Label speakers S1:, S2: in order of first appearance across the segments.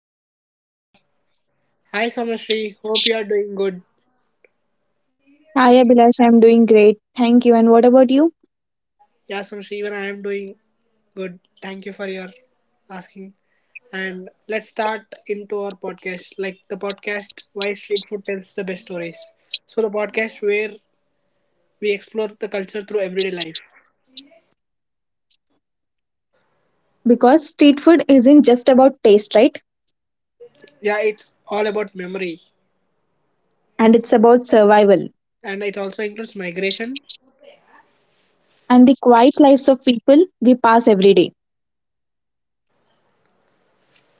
S1: co-host Somashri. Hi Somashri, hope you are doing good.
S2: Hi Abhilash, I'm doing great. Thank you. And what about you?
S1: Yeah Somashri, even I am doing good. Thank you for your asking. And let's start into our podcast. Like the podcast Why Street Food Tells the Best Stories. So the podcast where we explore the culture through everyday life.
S2: Because street food isn't just about taste, right?
S1: Yeah, it's all about memory.
S2: And it's about survival
S1: And it also includes migration.
S2: and the quiet lives of people we pass every day.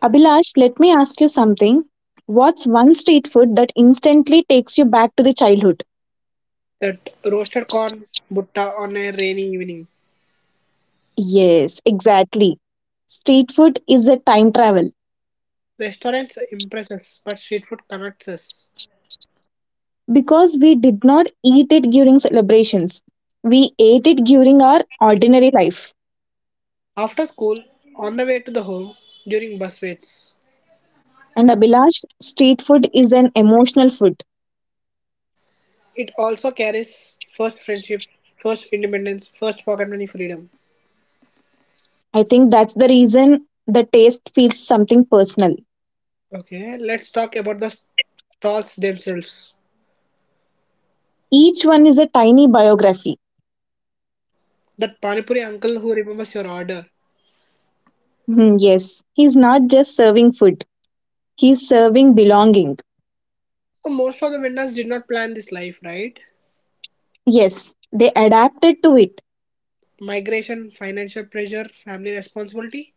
S2: Abhilash, let me ask you something. What's one street food that instantly takes you back to the childhood?
S1: That roasted corn butta on a rainy evening.
S2: Yes, exactly. Street food is a time travel
S1: Restaurants impress us, but street food connects us.
S2: because we did not eat it during celebrations. We ate it during our ordinary life.
S1: After school, on the way to the home, during bus waits.
S2: And Abhilash, street food is an emotional food.
S1: It also carries first friendships, first independence, first pocket money freedom.
S2: I think that's the reason the taste feels something personal.
S1: Okay, let's talk about the stalls themselves.
S2: Each one is a tiny biography.
S1: That Panipuri uncle who remembers your order.
S2: Hmm, yes, he's not just serving food, he's serving belonging.
S1: So most of the vendors did not plan this life, right?
S2: Yes, they adapted to it,
S1: Migration, financial pressure, family responsibility,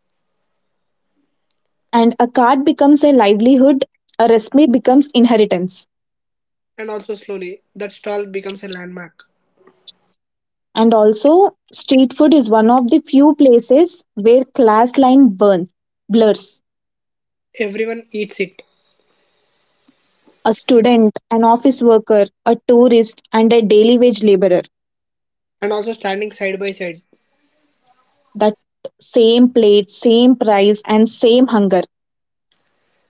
S2: and a card becomes a livelihood, a recipe becomes inheritance.
S1: and also slowly that stall becomes a landmark.
S2: And also, street food is one of the few places where class line burns, blurs.
S1: Everyone eats it,
S2: A student, an office worker, a tourist, and a daily wage laborer.
S1: and also standing side by side.
S2: That same plate, same price, and same hunger.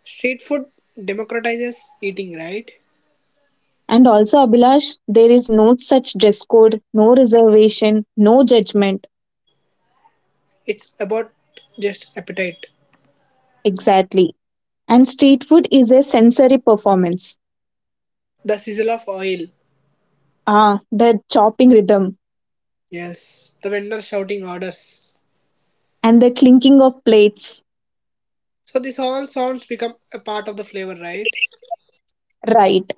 S1: Street food democratizes eating, right?
S2: And also, Abhilash, there is no such dress code, no reservation, no judgment.
S1: It's about just appetite.
S2: Exactly. And street food is a sensory performance.
S1: The sizzle of oil.
S2: Ah, the chopping rhythm
S1: Yes, the vendor shouting orders.
S2: and the clinking of plates.
S1: So this all sounds become a part of the flavor, right?
S2: Right.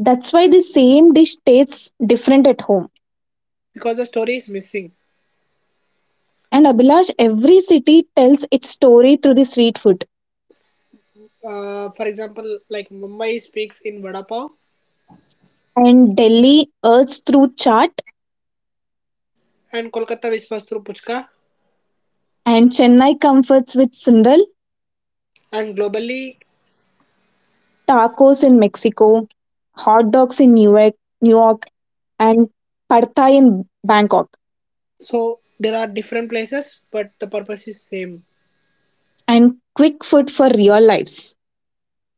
S2: That's why the same dish tastes different at home.
S1: Because the story is missing.
S2: And Abhilash, every city tells its story through the street food.
S1: For example, like Mumbai speaks in vada pav,
S2: And Delhi urges through chaat,
S1: and Kolkata whispers through puchka,
S2: and Chennai comforts with Sundal,
S1: and globally,
S2: tacos in Mexico, hot dogs in Newark, New York, and pad thai in Bangkok.
S1: so there are different places, but the purpose is same.
S2: And quick food for real lives,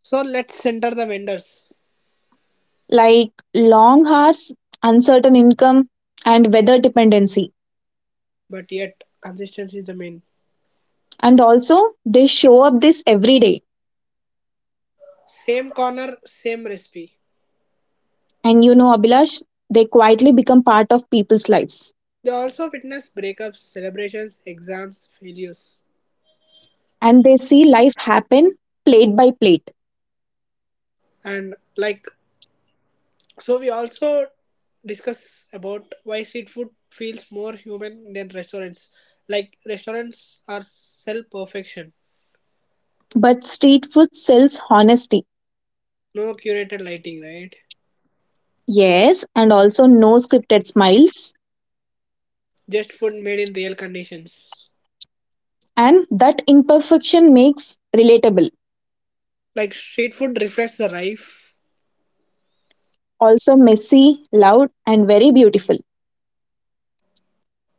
S1: So let's center the vendors,
S2: like long hours, uncertain income, and weather dependency.
S1: but yet consistency is the main.
S2: And also, they show up this every day.
S1: Same corner, same recipe.
S2: And you know, Abhilash, they quietly become part of people's lives.
S1: They also witness breakups, celebrations, exams, failures.
S2: And they see life happen plate by plate.
S1: And like, so we also discuss about why street food feels more human than restaurants. Like, restaurants are self perfection,
S2: But street food sells honesty.
S1: no curated lighting, right?
S2: Yes, and also no scripted smiles.
S1: Just food made in real conditions.
S2: And that imperfection makes relatable,
S1: Like, street food reflects the life.
S2: also messy, loud, and very beautiful.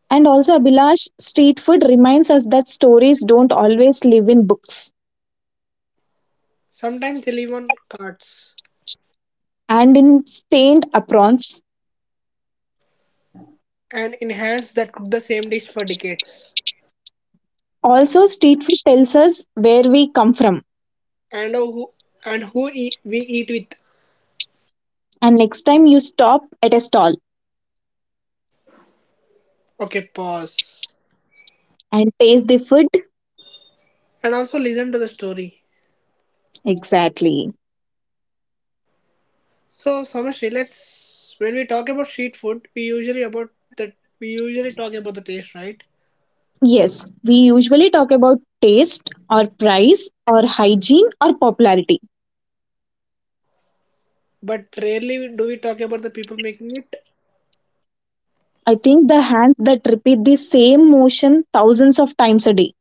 S2: And also, Abhilash, street food reminds us that stories don't always live in books
S1: Sometimes they live on carts
S2: and in stained aprons.
S1: and in hands that cook the same dish for decades.
S2: Also, street food tells us where we come from.
S1: And who and we eat with.
S2: And next time you stop at a stall
S1: Okay, pause.
S2: and taste the food.
S1: And also listen to the story.
S2: Exactly.
S1: So Samashri, let's when we talk about street food, we usually about the we usually talk about the taste, right?
S2: Yes, we usually talk about taste or price or hygiene or popularity.
S1: But rarely do we talk about the people making it,
S2: I think the hands that repeat the same motion thousands of times a day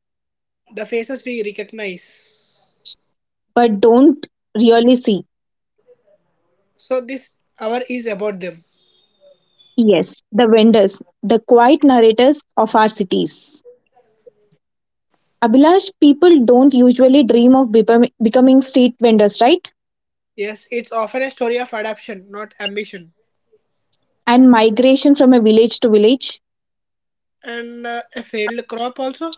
S1: the faces we recognize.
S2: but don't really see.
S1: So this hour is about them.
S2: Yes, the vendors, the quiet narrators of our cities. Abhilash, people don't usually dream of becoming street vendors, right?
S1: Yes, it's often a story of adaptation, not ambition,
S2: And migration from a village to village.
S1: and a failed crop also,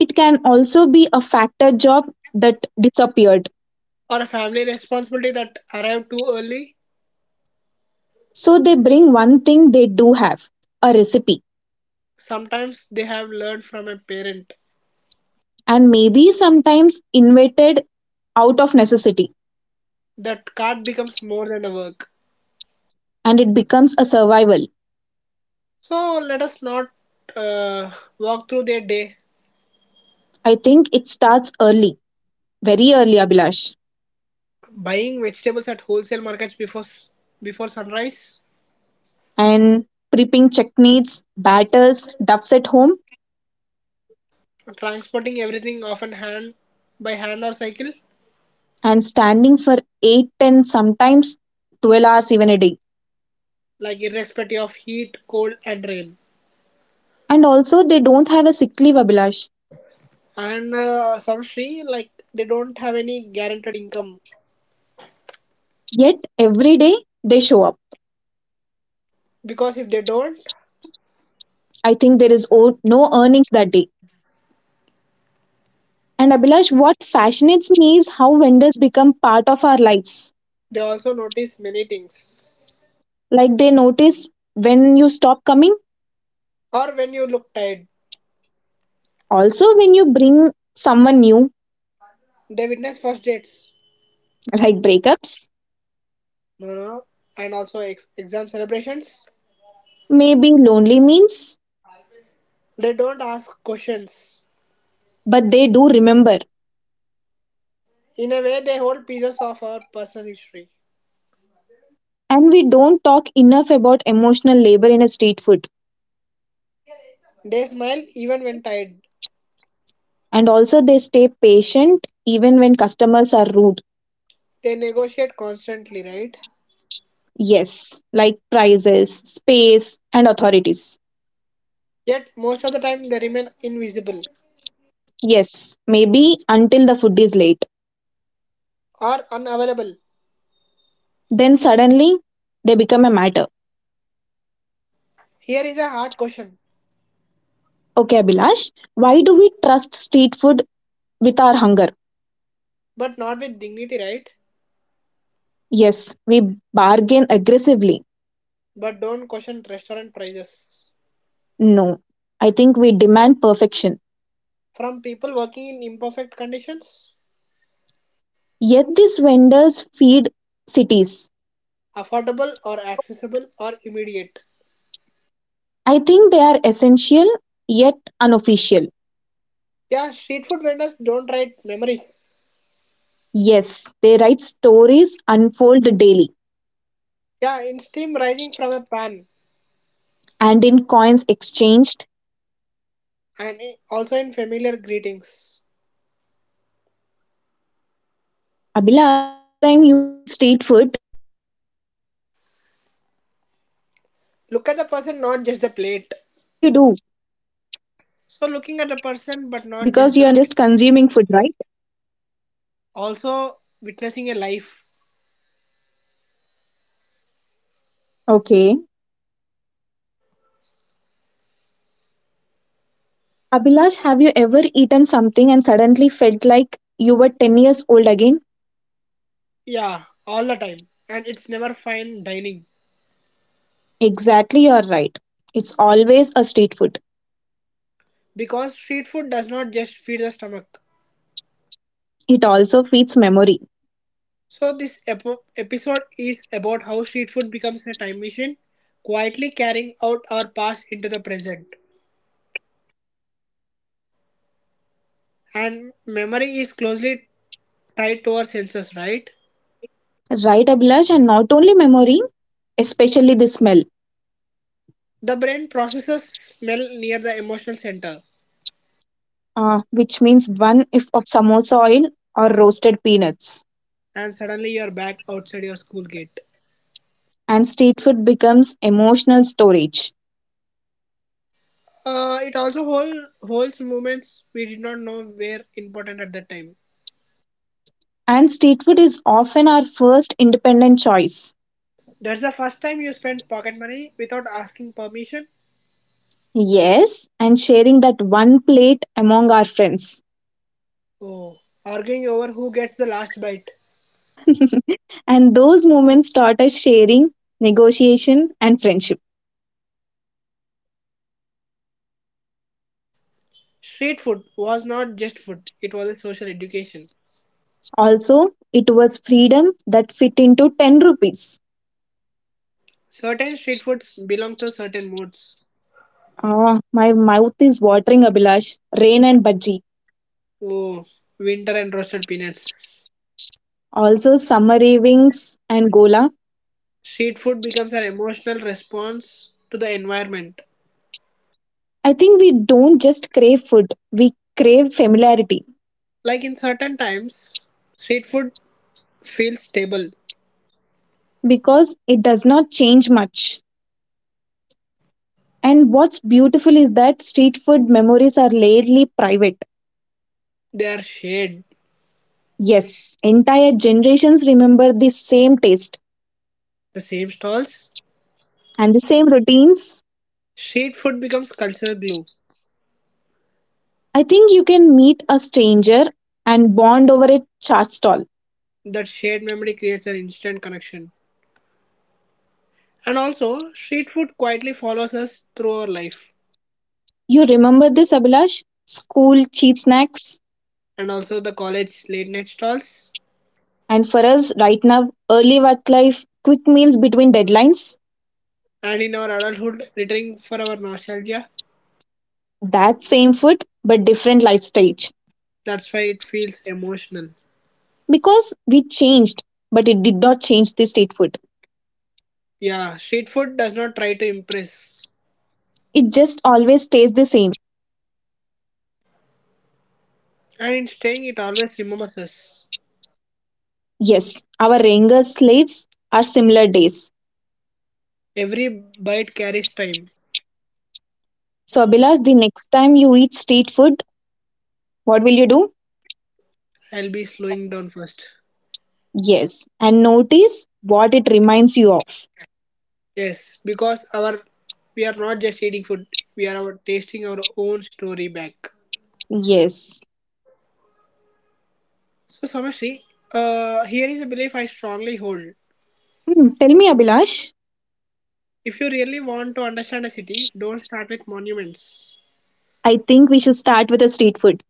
S2: It can also be a factor job that disappeared.
S1: or a family responsibility that arrived too early.
S2: So they bring one thing they do have, a recipe,
S1: Sometimes they have learned from a parent
S2: and maybe sometimes invented out of necessity,
S1: that cart becomes more than a work.
S2: and it becomes a survival.
S1: So let us not uh, walk through their day.
S2: I think it starts early, very early, Abhilash.
S1: Buying vegetables at wholesale markets before sunrise,
S2: And prepping techniques, batters, duffs at home,
S1: transporting everything often hand by hand or cycle,
S2: and standing for 8, 10, sometimes 12 hours even a day.
S1: like irrespective of heat, cold, and rain.
S2: And also, they don't have a sick leave, Abhilash.
S1: And some Sri like they don't have any guaranteed income
S2: Yet, every day they show up.
S1: because if they don't,
S2: I think there is no earnings that day. And Abhilash, what fascinates me is how vendors become part of our lives.
S1: they also notice many things.
S2: Like they notice when you stop coming,
S1: Or when you look tired,
S2: also when you bring someone new,
S1: they witness first dates,
S2: like breakups,
S1: no, no, no, and also exam celebrations.
S2: maybe lonely means,
S1: They don't ask questions.
S2: but they do remember.
S1: In a way, they hold pieces of our personal history.
S2: And we don't talk enough about emotional labor in a street food.
S1: They smile even when tired.
S2: And also, they stay patient even when customers are rude.
S1: They negotiate constantly, right?
S2: Yes, like prices, space, and authorities.
S1: Yet, most of the time, they remain invisible
S2: Yes, maybe until the food is late.
S1: or unavailable.
S2: Then suddenly they become a matter.
S1: Here is a hard question,
S2: Okay, Abhilash, why do we trust street food with our hunger?
S1: but not with dignity, right?
S2: Yes, we bargain aggressively.
S1: But don't question restaurant prices.
S2: No, I think we demand perfection.
S1: From people working in imperfect conditions,
S2: Yet these vendors feed cities.
S1: affordable or accessible or immediate.
S2: I think they are essential yet unofficial.
S1: Yeah, street food vendors don't write memories.
S2: Yes, they write stories unfold daily.
S1: Yeah, in steam rising from a pan
S2: And in coins exchanged.
S1: and also in familiar greetings.
S2: Abhilash, next time you eat street food,
S1: Look at the person, not just the plate.
S2: what will you do?
S1: So looking at the person, but
S2: Because you
S1: not
S2: are
S1: just the
S2: not
S1: plate.
S2: just consuming food, right?
S1: Also witnessing a life.
S2: Okay. Abhilash, have you ever eaten something and suddenly felt like you were 10 years old again?
S1: Yeah, all the time. And it's never fine dining.
S2: Exactly, you're right. It's always a street food.
S1: Because street food does not just feed the stomach.
S2: It also feeds memory.
S1: So this epo episode is about how street food becomes a time machine, quietly carrying out our past into the present. And memory is closely tied to our senses, right?
S2: Right, Abhilash, and not only memory, especially the smell,
S1: The brain processes smell near the emotional center,
S2: which means one if of samosa oil or roasted peanuts.
S1: and suddenly you're back outside your school gate.
S2: And street food becomes emotional storage.
S1: It also holds moments we did not know were important at that time.
S2: And street food is often our first independent choice.
S1: That's the first time you spend pocket money without asking permission.
S2: Yes, and sharing that one plate among our friends.
S1: Oh, arguing over who gets the last bite.
S2: And those moments taught us sharing, negotiation, and friendship.
S1: Street food was not just food, it was a social education.
S2: Also, it was freedom that fit into 10 rupees.
S1: Certain street foods belong to certain moods.
S2: Ah, my mouth is watering, Abhilash. Rain and bhaji.
S1: Oh, winter and roasted peanuts.
S2: Also, summer ravings and gola.
S1: Street food becomes an emotional response to the environment.
S2: I think we don't just crave food, we crave familiarity
S1: Like in certain times, street food feels stable.
S2: because it does not change much. And what's beautiful is that street food memories are rarely private.
S1: They are shared
S2: Yes, entire generations remember the same taste
S1: the same stalls.
S2: and the same routines.
S1: Shared food becomes cultural glue.
S2: I think you can meet a stranger and bond over a chaat stall.
S1: That shared memory creates an instant connection. And also, street food quietly follows us through our life.
S2: You remember this, Abhilash? School cheap snacks.
S1: And also, the college late night stalls.
S2: And for us right now, early work life, quick meals between deadlines,
S1: And in our adulthood, returning for our nostalgia.
S2: that same food, but different life stage.
S1: That's why it feels emotional.
S2: Because we changed, but it did not change the state food.
S1: Yeah, street food does not try to impress.
S2: It just always stays the same.
S1: And in staying, it always remembers us.
S2: Yes, our younger slaves are similar days.
S1: Every bite carries time.
S2: So, Abhilash, the next time you eat street food, what will you do?
S1: I'll be slowing down first.
S2: Yes, and notice what it reminds you of.
S1: Yes, because our we are not just eating food; we are tasting our own story back.
S2: Yes.
S1: So, Samashri, here is a belief I strongly hold.
S2: Hmm, tell me, Abhilash.
S1: If you really want to understand a city, don't start with monuments.
S2: I think we should start with a street food.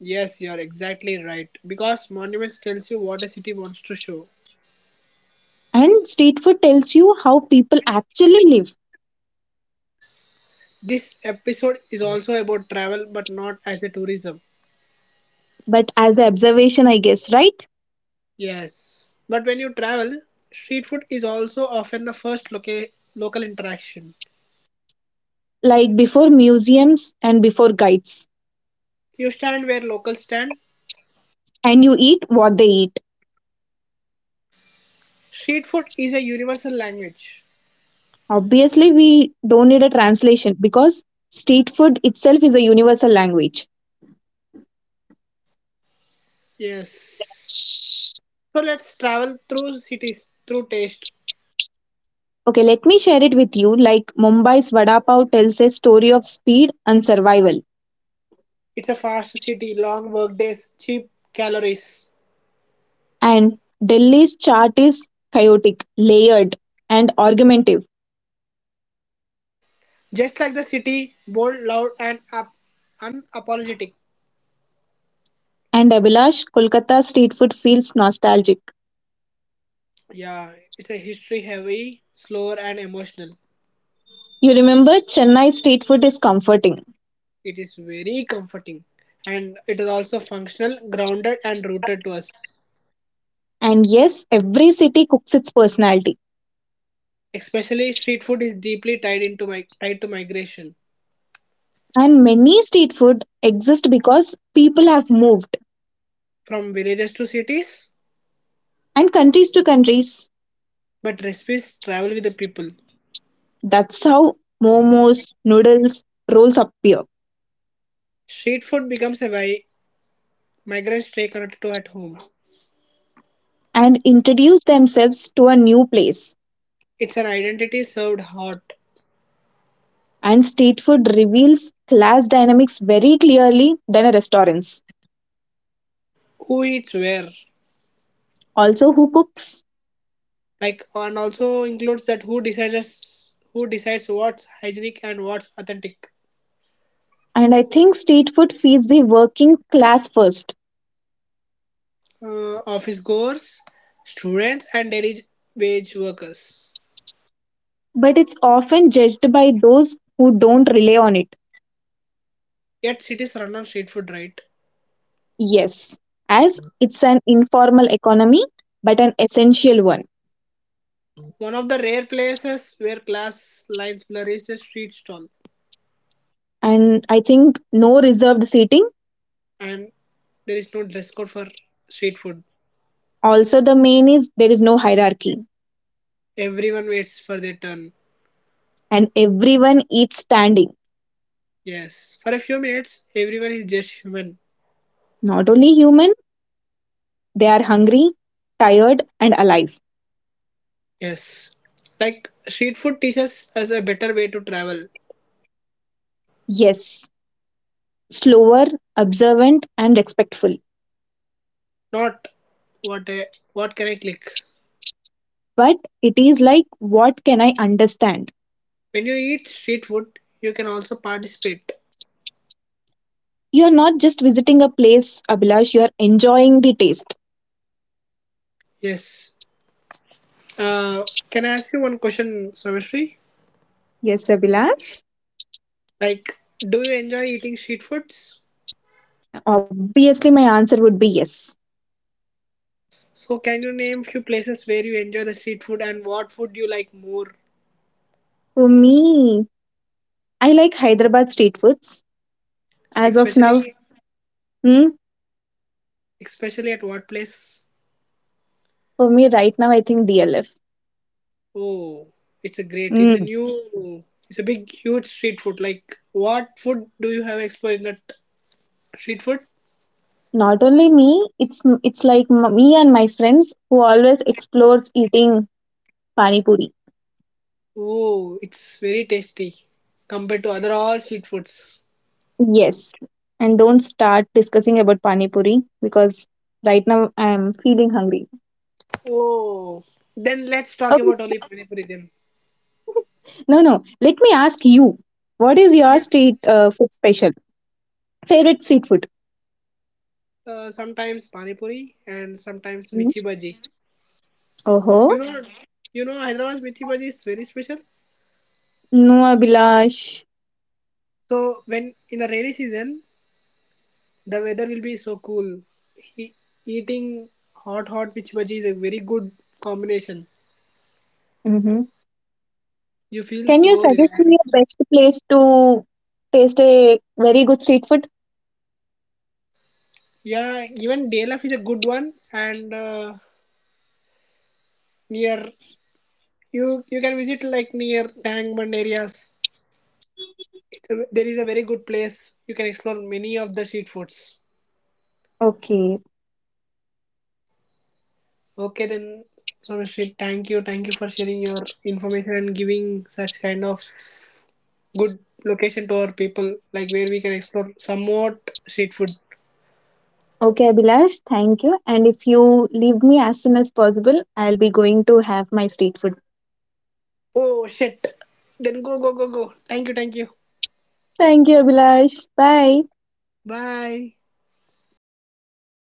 S1: Yes, you are exactly right. Because monuments tells you what a city wants to show.
S2: And street food tells you how people actually live,
S1: This episode is also about travel, but not as a tourism.
S2: but as an observation, I guess, right?
S1: Yes, but when you travel, street food is also often the first local interaction.
S2: Like before museums and before guides,
S1: You stand where locals stand.
S2: and you eat what they eat.
S1: Street food is a universal language.
S2: Obviously, we don't need a translation because street food itself is a universal language.
S1: Yes. So let's travel through cities, through taste.
S2: Okay, let me share it with you. Like Mumbai's vada pav tells a story of speed and survival,
S1: It's a fast city, long work days, cheap calories.
S2: and Delhi's chart is chaotic, layered, and argumentative.
S1: Just like the city, bold, loud, and up, unapologetic.
S2: And Abhilash, Kolkata street food feels nostalgic.
S1: Yeah, it's a history heavy, slower, and emotional.
S2: You remember, Chennai street food is comforting.
S1: It is very comforting. And it is also functional, grounded, and rooted to us.
S2: And yes, every city cooks its personality.
S1: Especially street food is deeply tied into my tied to migration
S2: And many street food exist because people have moved
S1: from villages to cities
S2: and countries to countries.
S1: but recipes travel with the people.
S2: That's how momos, noodles, rolls appear
S1: Street food becomes a way migrants stay connected to at home.
S2: and introduce themselves to a new place.
S1: It's an identity served hot.
S2: And street food reveals class dynamics very clearly than a restaurant's.
S1: Who eats where,
S2: Also, who cooks?
S1: like, and also includes that who decides what's hygienic and what's authentic.
S2: And I think street food feeds the working class first,
S1: Office goers, students, and daily wage workers.
S2: but it's often judged by those who don't rely on it.
S1: Yet cities run on street food, right?
S2: Yes, as it's an informal economy, but an essential one.
S1: One of the rare places where class lines blur is a street stall,
S2: And I think no reserved seating.
S1: and there is no dress code for street food.
S2: Also, the main is there is no hierarchy,
S1: Everyone waits for their turn.
S2: and everyone eats standing.
S1: Yes. For a few minutes, everyone is just human.
S2: Not only human, they are hungry, tired, and alive.
S1: Yes. Like street food teaches us a better way to travel,
S2: Yes, slower, observant, and respectful.
S1: not what I, what can I click.
S2: But it is like, what can I understand?
S1: When you eat street food, you can also participate.
S2: You're not just visiting a place, Abhilash, you're enjoying the taste.
S1: Yes. Uh, can I ask you one question, Samishri?
S2: Yes, Abhilash.
S1: Like, do you enjoy eating street foods?
S2: Obviously, my answer would be yes.
S1: So, can you name few places where you enjoy the street food and what food you like more,
S2: For me, I like Hyderabad street foods. As of now,
S1: especially
S2: hmm,
S1: especially at what place?
S2: for me right now, I think DLF.
S1: Oh, it's a great, it's a
S2: Hmm.
S1: new, it's a big, huge street food. Like, what food do you have explored in that street food?
S2: Not only me, it's like me and my friends who always explores eating pani puri.
S1: Oh, it's very tasty compared to other all street foods.
S2: Yes, and don't start discussing about pani puri because right now I'm feeling hungry.
S1: Oh, then let's talk
S2: Okay,
S1: about only pani puri then.
S2: no, no. Let me ask you, what is your
S1: Yeah,
S2: street food special? Favorite street food?
S1: sometimes pani puri and sometimes mithi bhaji.
S2: Oh
S1: You
S2: huh.
S1: know, you know Hyderabad's mithi bhaji is very special.
S2: No, Abhilash.
S1: So when in the rainy season, the weather will be so cool. He, eating hot hot with bhaji is a very good combination.
S2: Mm-hmm.
S1: You feel
S2: Can you
S1: so
S2: suggest me a
S1: relaxed.
S2: best place to taste a very good street food?
S1: Yeah, even Delaf is a good one, and near you can visit like near Tang Bund areas. It's a, there is a very good place. You can explore many of the street foods.
S2: Okay.
S1: Okay, then Someshri, thank you for sharing your information and giving such kind of good location to our people, like where we can explore somewhat street food.
S2: Okay, Abhilash, thank you. And if you leave me as soon as possible, I'll be going to have my street food.
S1: Oh shit. Then go, go, go, go. Thank you.
S2: Thank you, Abhilash. Bye.
S1: Bye.